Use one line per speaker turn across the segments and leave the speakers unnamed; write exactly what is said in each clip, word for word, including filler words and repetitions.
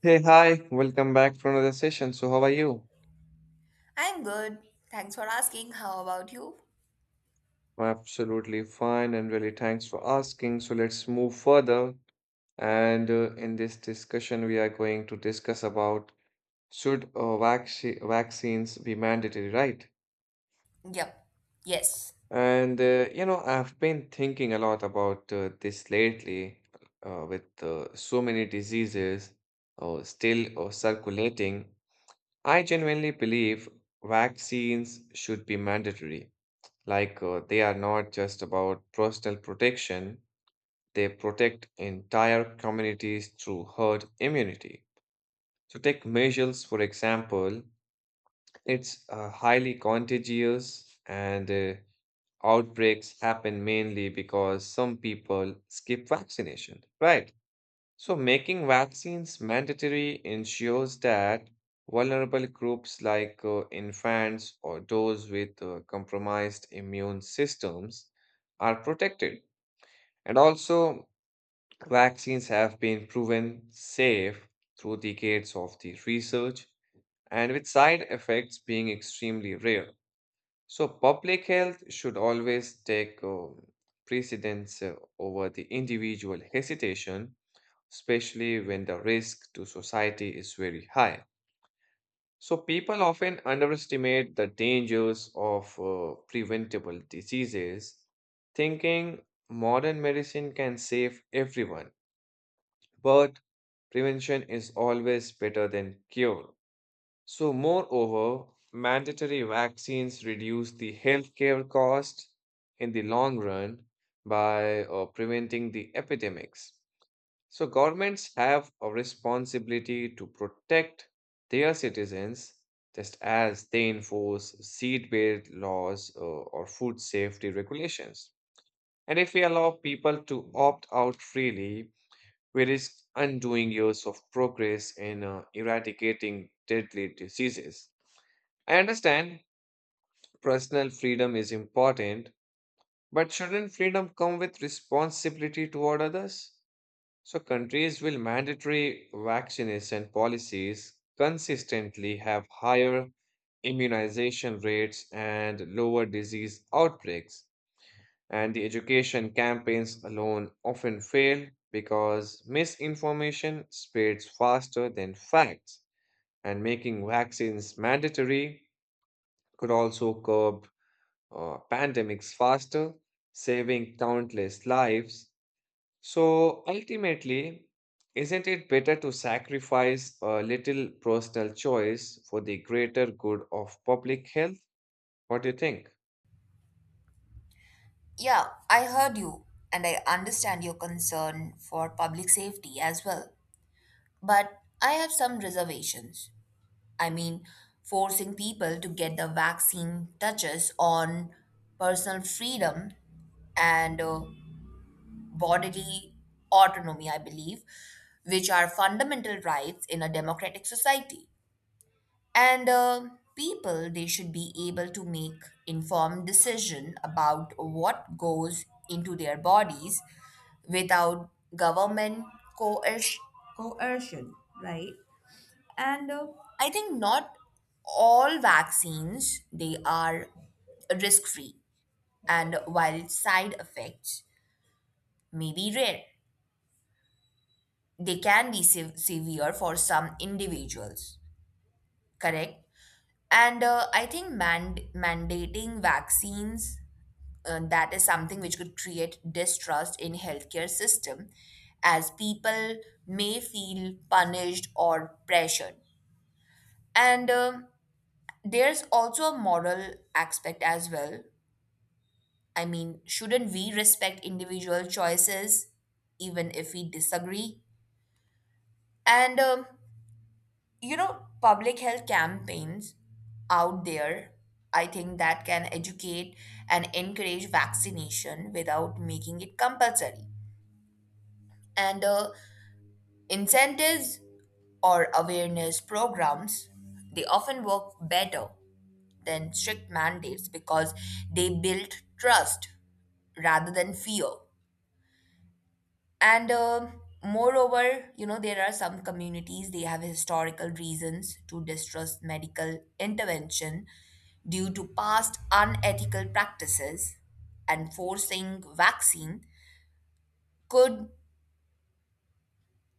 Hey, hi, welcome back for another session. So, how are you?
I'm good. Thanks for asking. How about you?
I'm absolutely fine and really thanks for asking. So, let's move further. And uh, in this discussion, we are going to discuss about should uh, vac- vaccines be mandatory, right?
Yep. Yes.
And uh, you know, I've been thinking a lot about uh, this lately uh, with uh, so many diseases uh, still uh, circulating. I genuinely believe vaccines should be mandatory. Like uh, they are not just about personal protection, they protect entire communities through herd immunity. So take measles, for example, it's uh, highly contagious and uh, outbreaks happen mainly because some people skip vaccination, right? So, making vaccines mandatory ensures that vulnerable groups like uh, infants or those with uh, compromised immune systems are protected. And also, vaccines have been proven safe through decades of the research and with side effects being extremely rare. So, public health should always take um, precedence uh, over the individual hesitation, especially when the risk to society is very high. So, people often underestimate the dangers of uh, preventable diseases, thinking modern medicine can save everyone, but prevention is always better than cure. So, moreover, mandatory vaccines reduce the healthcare cost in the long run by uh, preventing the epidemics. So governments have a responsibility to protect their citizens just as they enforce seatbelt laws uh, or food safety regulations. And if we allow people to opt out freely, we risk undoing years of progress in uh, eradicating deadly diseases. I understand personal freedom is important, but shouldn't freedom come with responsibility toward others? So countries with mandatory vaccination policies consistently have higher immunization rates and lower disease outbreaks. And the education campaigns alone often fail because misinformation spreads faster than facts. And making vaccines mandatory could also curb uh, pandemics faster, saving countless lives. So ultimately, isn't it better to sacrifice a little personal choice for the greater good of public health? What do you think?
Yeah, I heard you and I understand your concern for public safety as well. But I have some reservations. I mean, forcing people to get the vaccine touches on personal freedom and uh, bodily autonomy, I believe, which are fundamental rights in a democratic society. and uh, people they should be able to make informed decision about what goes into their bodies without government coerc- coercion, right? And uh, I think not all vaccines they are risk free, and while side effects may be rare, they can be sev- severe for some individuals, correct. And uh, I think mand- mandating vaccines, uh, that is something which could create distrust in healthcare system as people may feel punished or pressured. And um there's also a moral aspect as well. I mean, shouldn't we respect individual choices even if we disagree? And um you know public health campaigns out there, I think that can educate and encourage vaccination without making it compulsory. And uh, incentives or awareness programs, they often work better than strict mandates because they build trust rather than fear. And uh, moreover, you know, there are some communities, they have historical reasons to distrust medical intervention due to past unethical practices, and forcing vaccine could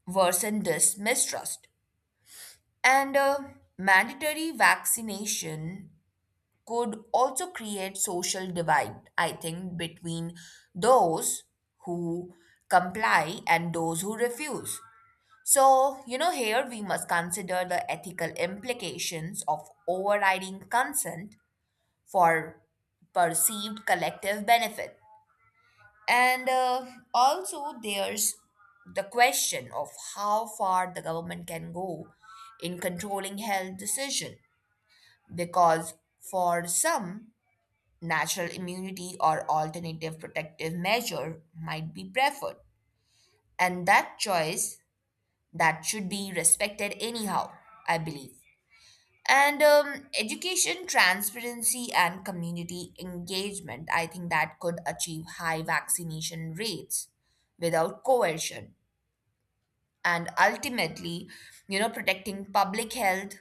worsen this mistrust. And uh, mandatory vaccination could also create social divide, I think, between those who comply and those who refuse. So, you know, here we must consider the ethical implications of overriding consent for perceived collective benefit. And uh, also, there's the question of how far the government can go in controlling health decision, because for some natural immunity or alternative protective measure might be preferred, and that choice, that should be respected anyhow, I believe. And um, education, transparency, and community engagement, I think that could achieve high vaccination rates without coercion. And ultimately, you know, protecting public health,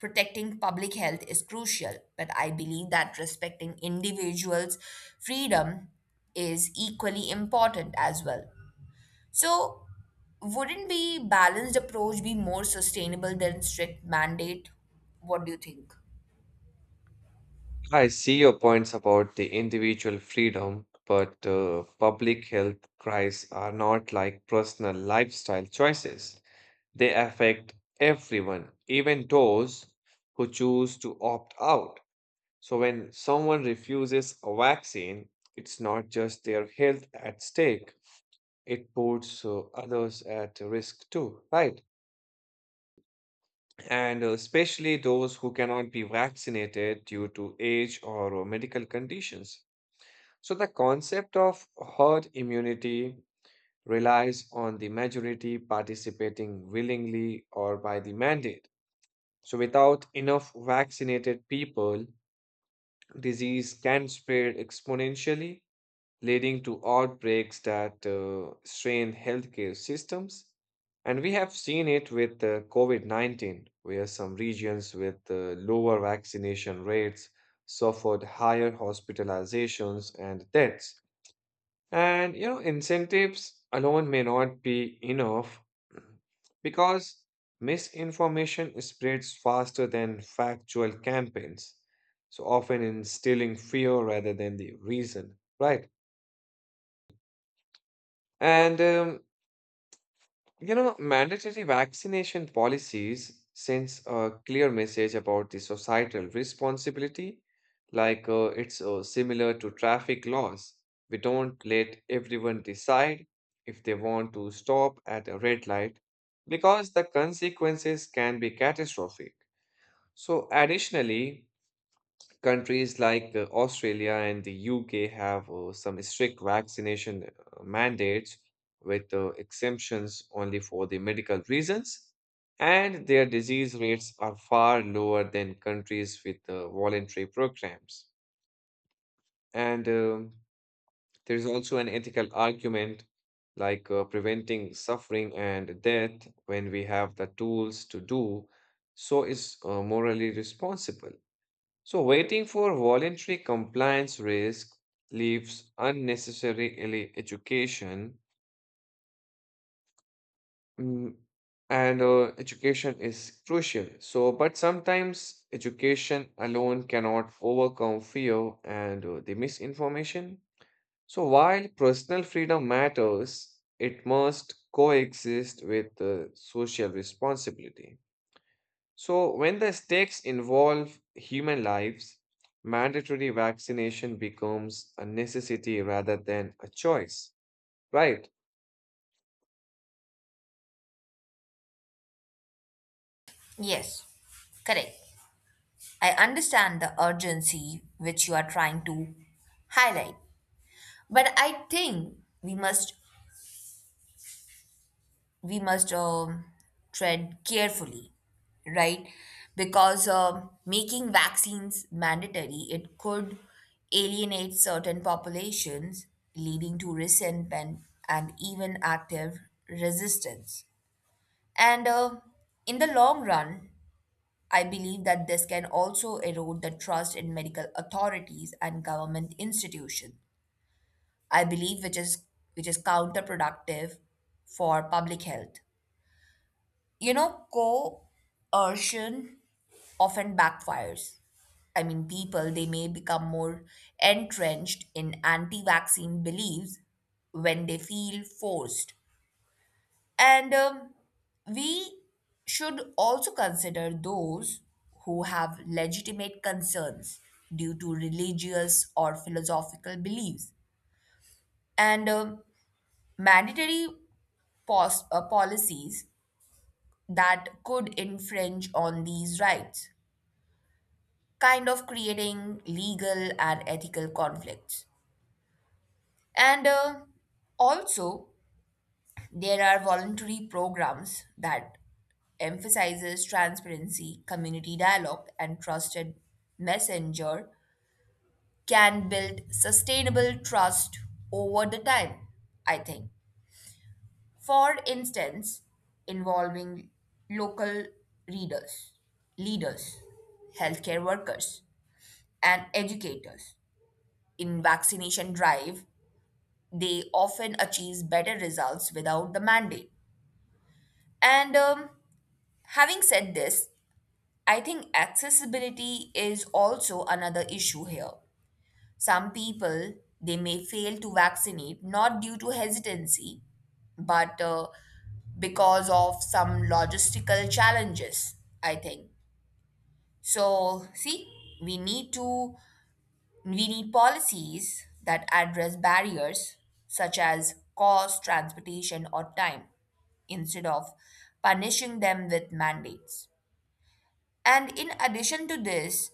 protecting public health is crucial. But I believe that respecting individuals' freedom is equally important as well. So, wouldn't be balanced approach be more sustainable than strict mandate? What do you think?
I see your points about the individual freedom, but uh, public health cries are not like personal lifestyle choices. They affect everyone, even those who choose to opt out. So when someone refuses a vaccine, it's not just their health at stake, it puts uh, others at risk too, right? And uh, especially those who cannot be vaccinated due to age or uh, medical conditions. So, the concept of herd immunity relies on the majority participating willingly or by the mandate. So, without enough vaccinated people, disease can spread exponentially, leading to outbreaks that uh, strain healthcare systems. And we have seen it with uh, COVID nineteen, where some regions with uh, lower vaccination rates suffered higher hospitalizations and deaths. And, you know, incentives alone may not be enough because misinformation spreads faster than factual campaigns, so often instilling fear rather than the reason, right? And, um, you know, mandatory vaccination policies sends a clear message about the societal responsibility. Like uh, it's uh, similar to traffic laws. We don't let everyone decide if they want to stop at a red light because the consequences can be catastrophic. So, additionally, countries like uh, Australia and the U K have uh, some strict vaccination uh, mandates with uh, exemptions only for the medical reasons, and their disease rates are far lower than countries with uh, voluntary programs. And um, there is also an ethical argument like uh, preventing suffering and death when we have the tools to do so is uh, morally responsible. So waiting for voluntary compliance risk leaves unnecessary ele- education, mm, and uh, education is crucial. So, but sometimes education alone cannot overcome fear and uh, the misinformation. So, while personal freedom matters, it must coexist with uh, social responsibility. So, when the stakes involve human lives, mandatory vaccination becomes a necessity rather than a choice, right?
Yes, correct. I understand the urgency which you are trying to highlight, but I think we must we must um, tread carefully, right? Because um making vaccines mandatory it could alienate certain populations, leading to resentment and even active resistance. And uh, in the long run, I believe that this can also erode the trust in medical authorities and government institutions. I believe which is which is counterproductive for public health. You know, coercion often backfires. I mean, people they may become more entrenched in anti-vaccine beliefs when they feel forced, and um, we should also consider those who have legitimate concerns due to religious or philosophical beliefs. And um, mandatory pos- uh, policies that could infringe on these rights, kind of creating legal and ethical conflicts. And uh, also, there are voluntary programs that emphasizes transparency, community dialogue, and trusted messenger can build sustainable trust over the time, I think. For instance, involving local readers, leaders, healthcare workers, and educators. In vaccination drive, they often achieve better results without the mandate. And um, having said this, I think accessibility is also another issue here. Some people they may fail to vaccinate not due to hesitancy, but uh, because of some logistical challenges. I think so. See, we need to we need policies that address barriers such as cost, transportation, or time instead of punishing them with mandates. And in addition to this,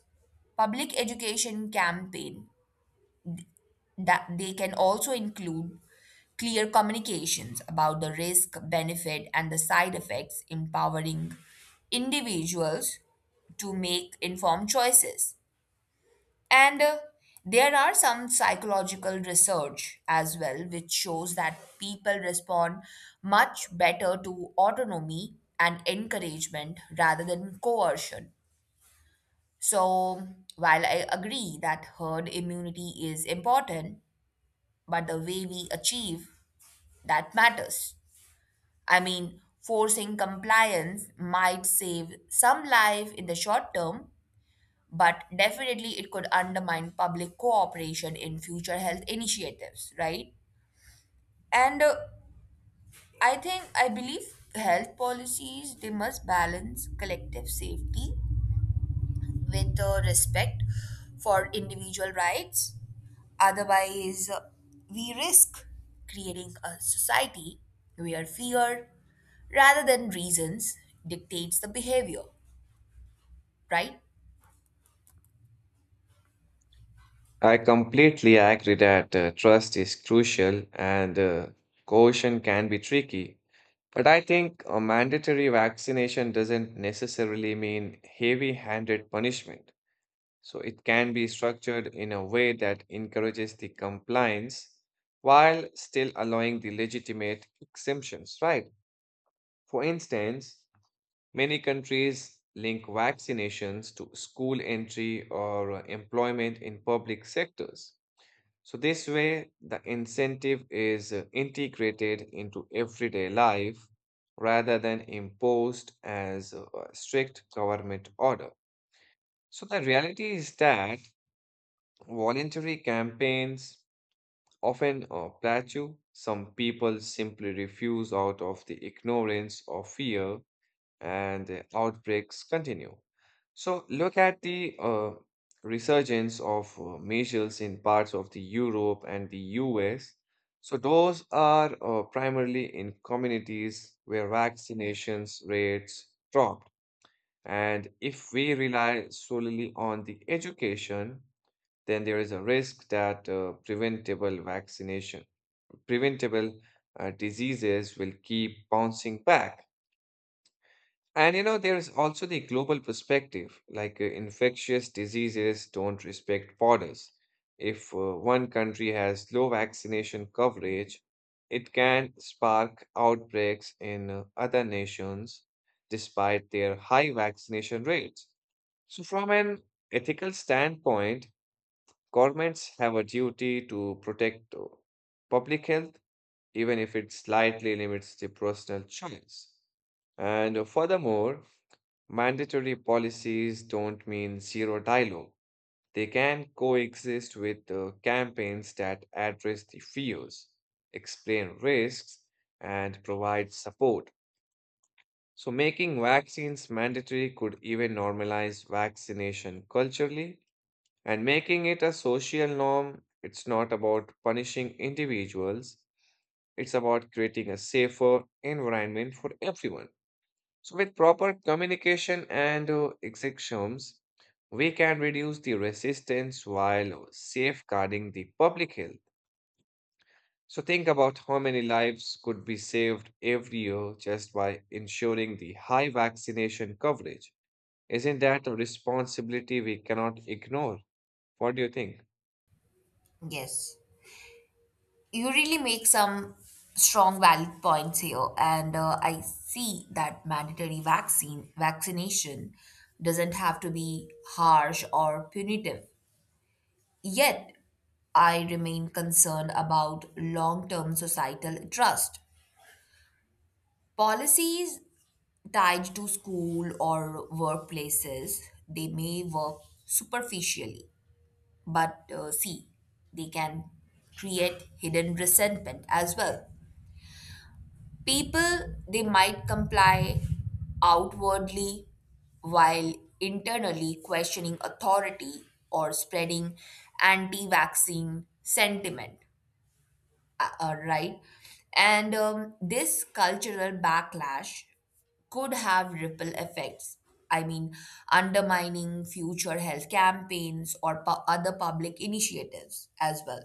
public education campaign, that they can also include clear communications about the risk, benefit, and the side effects, empowering individuals to make informed choices. And uh, there are some psychological research as well, which shows that people respond much better to autonomy and encouragement rather than coercion. So, while I agree that herd immunity is important, but the way we achieve that matters. I mean, forcing compliance might save some life in the short term, but definitely it could undermine public cooperation in future health initiatives, right? And uh, I think I believe health policies they must balance collective safety with uh, respect for individual rights. Otherwise, uh, we risk creating a society where fear rather than reasons dictates the behavior, right?
I completely agree that uh, trust is crucial and uh, coercion can be tricky. But I think a mandatory vaccination doesn't necessarily mean heavy-handed punishment. So it can be structured in a way that encourages the compliance while still allowing the legitimate exemptions, right? For instance, many countries link vaccinations to school entry or employment in public sectors. So this way, the incentive is uh, integrated into everyday life rather than imposed as a strict government order. So the reality is that voluntary campaigns often uh, plateau. Some people simply refuse out of the ignorance or fear, and the outbreaks continue. So, look at the uh, resurgence of uh, measles in parts of the Europe and the U S. So, those are uh, primarily in communities where vaccinations rates dropped. And if we rely solely on the education, then there is a risk that uh, preventable vaccination, preventable uh, diseases will keep bouncing back. And you know, there is also the global perspective, like uh, infectious diseases don't respect borders. If uh, one country has low vaccination coverage, it can spark outbreaks in uh, other nations despite their high vaccination rates. So, from an ethical standpoint, governments have a duty to protect uh, public health, even if it slightly limits the personal choice. And uh, furthermore, mandatory policies don't mean zero dialogue. They can coexist with uh, campaigns that address the fears, explain risks, and provide support. So, making vaccines mandatory could even normalize vaccination culturally and making it a social norm. It's not about punishing individuals, it's about creating a safer environment for everyone. So, with proper communication and uh, exceptions, we can reduce the resistance while safeguarding the public health. So, think about how many lives could be saved every year just by ensuring the high vaccination coverage. Isn't that a responsibility we cannot ignore? What do you think?
Yes. You really make some strong valid points here, and uh, I see that mandatory vaccine vaccination doesn't have to be harsh or punitive. Yet, I remain concerned about long term societal trust. Policies tied to school or workplaces, they may work superficially, but uh, see, they can create hidden resentment as well. People, they might comply outwardly while internally questioning authority or spreading anti vaccine sentiment, uh, uh, right? And um, this cultural backlash could have ripple effects. I mean, undermining future health campaigns or pu- other public initiatives as well.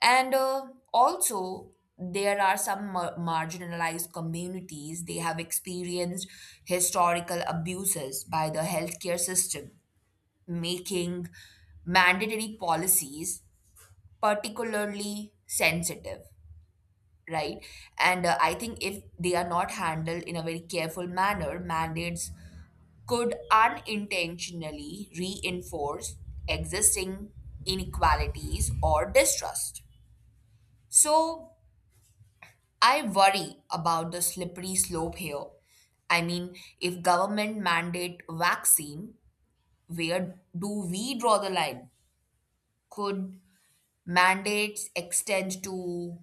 And uh, also, there are some mar- marginalized communities, they have experienced historical abuses by the healthcare system, making mandatory policies particularly sensitive, right? And uh, I think if they are not handled in a very careful manner, mandates could unintentionally reinforce existing inequalities or distrust. So I worry about the slippery slope here. I mean, if government mandate vaccine, where do we draw the line? Could mandates extend to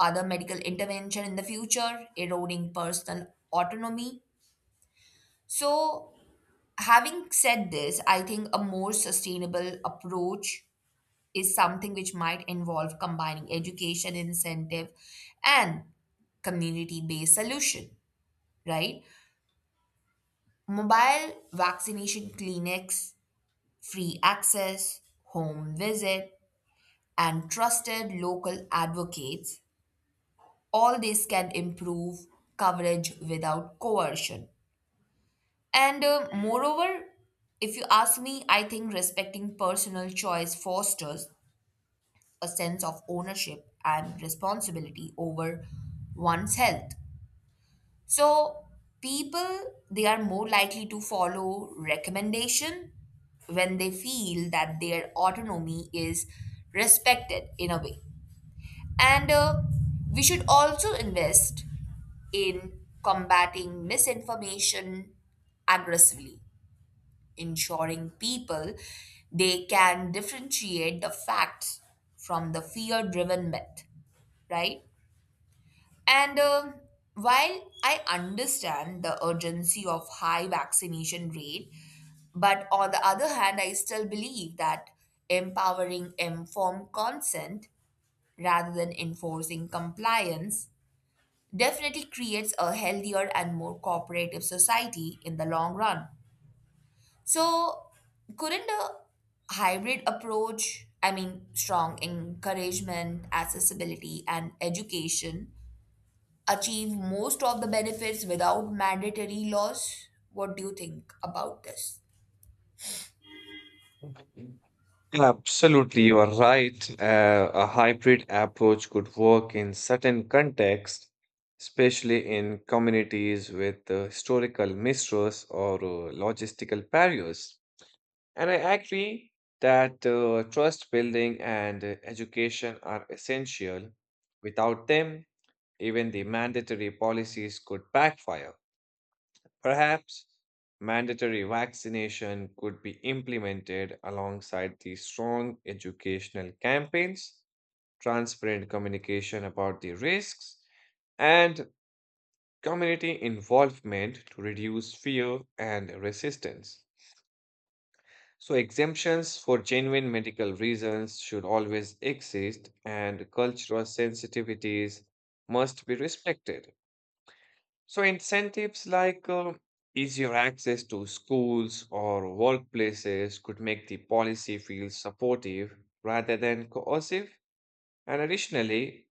other medical intervention in the future, eroding personal autonomy? So, having said this, I think a more sustainable approach is something which might involve combining education incentive and community based solution, right? Mobile vaccination clinics, free access, home visit, and trusted local advocates, all this can improve coverage without coercion. And uh, moreover, if you ask me, I think respecting personal choice fosters a sense of ownership and responsibility over one's health. So people they are more likely to follow recommendation when they feel that their autonomy is respected in a way. And uh, we should also invest in combating misinformation aggressively, ensuring people they can differentiate the facts from the fear driven myth, right? And um while I understand the urgency of high vaccination rate, but on the other hand I still believe that empowering informed consent rather than enforcing compliance definitely creates a healthier and more cooperative society in the long run. So, couldn't a hybrid approach, I mean, strong encouragement, accessibility, and education, achieve most of the benefits without mandatory laws? What do you think about this?
Absolutely, you are right. Uh, a hybrid approach could work in certain contexts, especially in communities with uh, historical mistrust or uh, logistical barriers. And I agree that uh, trust building and uh, education are essential. Without them, even the mandatory policies could backfire. Perhaps mandatory vaccination could be implemented alongside the strong educational campaigns, transparent communication about the risks, and community involvement to reduce fear and resistance. So, exemptions for genuine medical reasons should always exist, and cultural sensitivities must be respected. So incentives like uh, easier access to schools or workplaces could make the policy feel supportive rather than coercive. And additionally,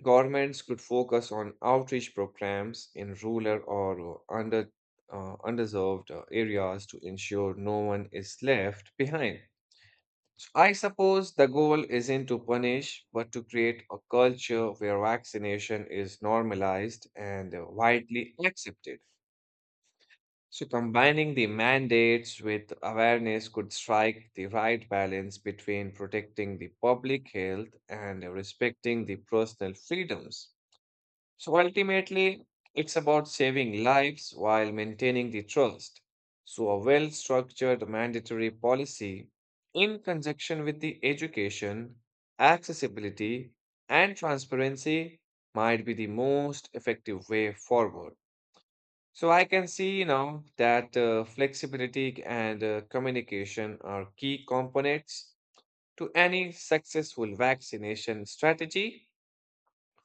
governments could focus on outreach programs in rural or uh, under uh, underserved uh, areas to ensure no one is left behind. So I suppose the goal isn't to punish, but to create a culture where vaccination is normalized and uh, widely accepted. So, combining the mandates with awareness could strike the right balance between protecting the public health and respecting the personal freedoms. So, ultimately, it's about saving lives while maintaining the trust. So, a well structured mandatory policy in conjunction with the education, accessibility, and transparency might be the most effective way forward. So I can see, you know, that uh, flexibility and uh, communication are key components to any successful vaccination strategy.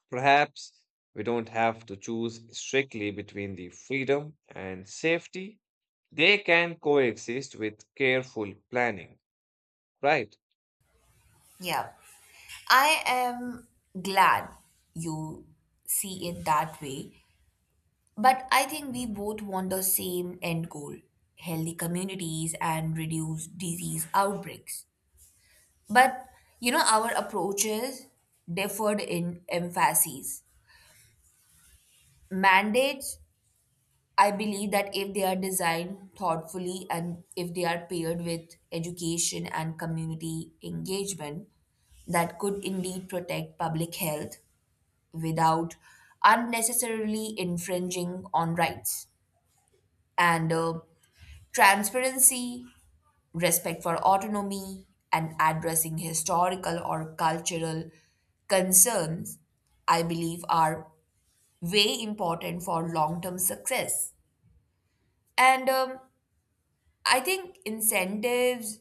Perhaps we don't have to choose strictly between the freedom and safety. They can coexist with careful planning, right?
Yeah, I am glad you see it that way. But I think we both want the same end goal, healthy communities and reduce disease outbreaks. But you know, our approaches differed in emphases. Mandates, I believe that if they are designed thoughtfully and if they are paired with education and community engagement, that could indeed protect public health without unnecessarily infringing on rights. And uh, transparency, respect for autonomy, and addressing historical or cultural concerns, I believe, are way important for long term success. And um, I think incentives,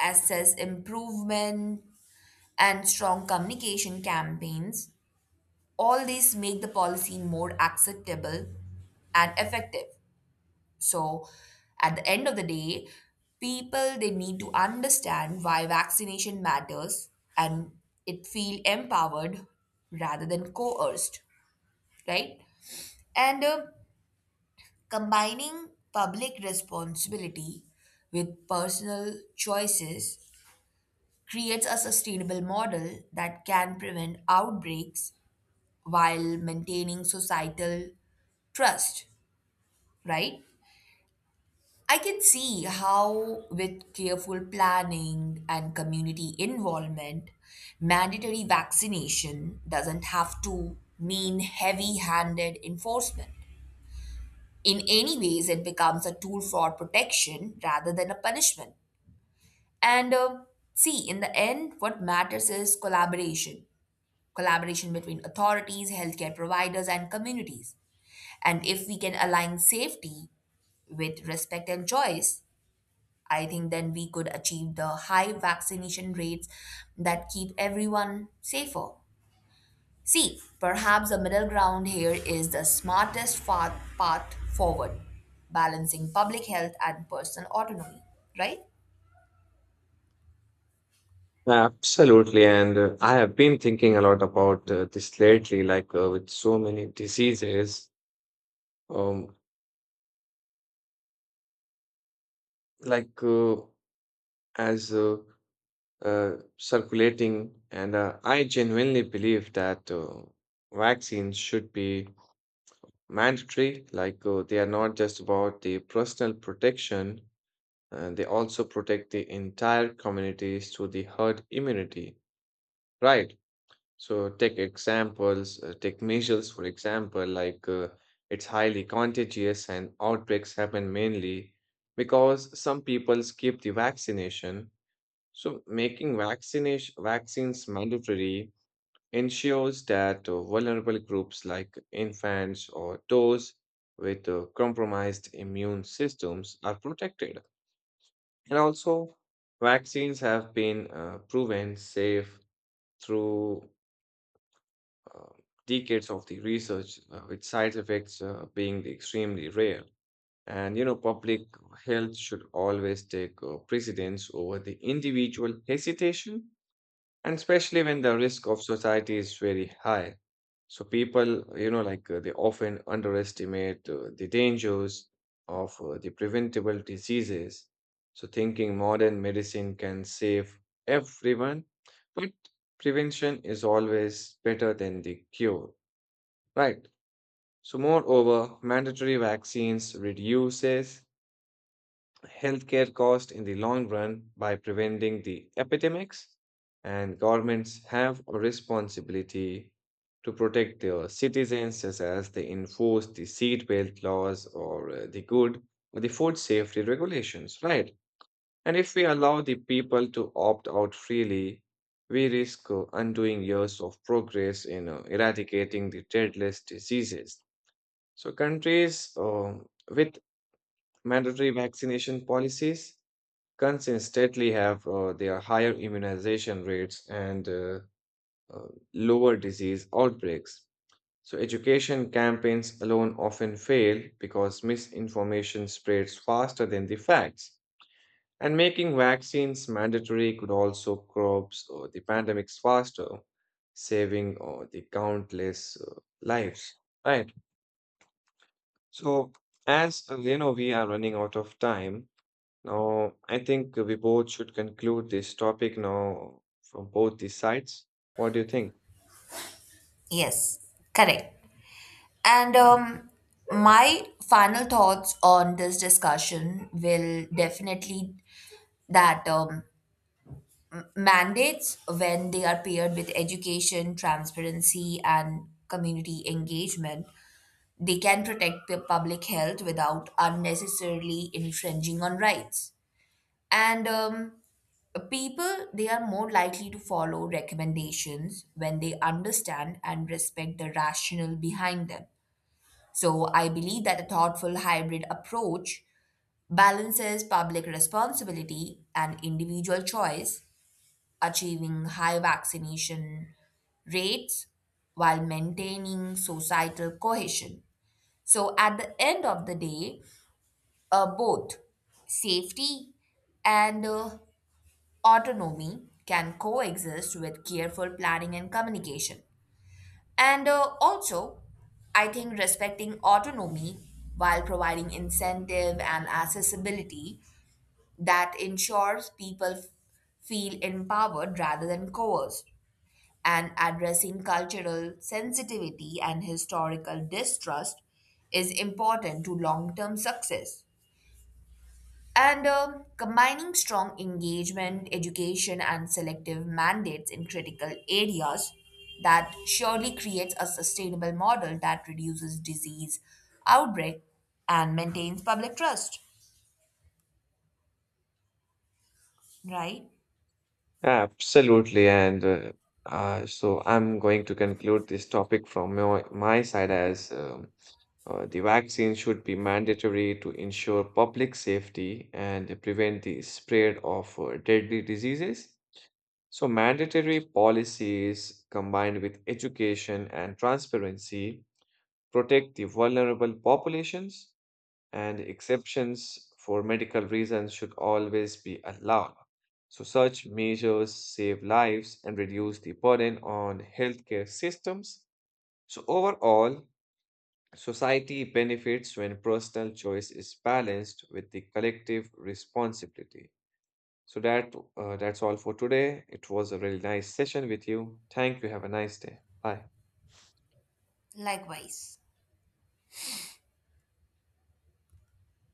assess improvement, and strong communication campaigns, all these make the policy more acceptable and effective. So, at the end of the day, people they need to understand why vaccination matters and it feel empowered rather than coerced, right? And uh, combining public responsibility with personal choices creates a sustainable model that can prevent outbreaks while maintaining societal trust, right? I can see how, with careful planning and community involvement, mandatory vaccination doesn't have to mean heavy handed enforcement. In any ways, it becomes a tool for protection rather than a punishment. And uh, see, in the end, what matters is collaboration collaboration between authorities, healthcare providers, and communities. And if we can align safety with respect and choice, I think then we could achieve the high vaccination rates that keep everyone safer. See, perhaps the middle ground here is the smartest fa- path forward, balancing public health and personal autonomy, right?
Absolutely. And uh, I have been thinking a lot about uh, this lately, like uh, with so many diseases, um, like uh, as uh, uh, circulating. And uh, I genuinely believe that uh, vaccines should be mandatory. Like uh, they are not just about the personal protection, uh, they also protect the entire communities through the herd immunity, right? So take examples, uh, take measures, for example, like uh, it's highly contagious and outbreaks happen mainly because some people skip the vaccination. So making vaccination vaccines mandatory ensures that uh, vulnerable groups like infants or those with uh, compromised immune systems are protected. And also, vaccines have been uh, proven safe through uh, decades of the research, uh, with side effects uh, being extremely rare. And you know, public health should always take uh, precedence over the individual hesitation, and especially when the risk of society is very high. So people, you know, like uh, they often underestimate uh, the dangers of uh, the preventable diseases. So thinking modern medicine can save everyone, but prevention is always better than the cure, right? So moreover, mandatory vaccines reduces healthcare cost in the long run by preventing the epidemics, and governments have a responsibility to protect their citizens just as they enforce the seatbelt laws or uh, the good or the food safety regulations, right? And if we allow the people to opt out freely, we risk uh, undoing years of progress in uh, eradicating the deadliest diseases. So countries um, with mandatory vaccination policies consistently have uh, their higher immunization rates and uh, uh, lower disease outbreaks. So, education campaigns alone often fail because misinformation spreads faster than the facts. And making vaccines mandatory could also curb uh, the pandemics faster, saving uh, the countless uh, lives. Right. So, as uh, you know, we are running out of time. Now, I think we both should conclude this topic now from both these sides. What do you think?
Yes, correct. And um, my final thoughts on this discussion will definitely that um, mandates when they are paired with education, transparency, and community engagement, they can protect pu- public health without unnecessarily infringing on rights. And um, people, they are more likely to follow recommendations when they understand and respect the rationale behind them. So I believe that a thoughtful hybrid approach balances public responsibility and individual choice, achieving high vaccination rates while maintaining societal cohesion. So, at the end of the day, uh, both safety and uh, autonomy can coexist with careful planning and communication. And uh, also, I think respecting autonomy while providing incentive and accessibility that ensures people f- feel empowered rather than coerced. And addressing cultural sensitivity and historical distrust is important to long term success. And um, combining strong engagement, education, and selective mandates in critical areas that surely creates a sustainable model that reduces disease outbreak and maintains public trust, right?
Absolutely. And uh, uh, so I'm going to conclude this topic from my, my side as um, uh, the vaccine should be mandatory to ensure public safety and prevent the spread of uh, deadly diseases. So, mandatory policies combined with education and transparency protect the vulnerable populations, and exceptions for medical reasons should always be allowed. So such measures save lives and reduce the burden on healthcare systems. So overall, society benefits when personal choice is balanced with the collective responsibility. So that uh, that's all for today. It was a really nice session with you. Thank you. Have a nice day. Bye.
Likewise.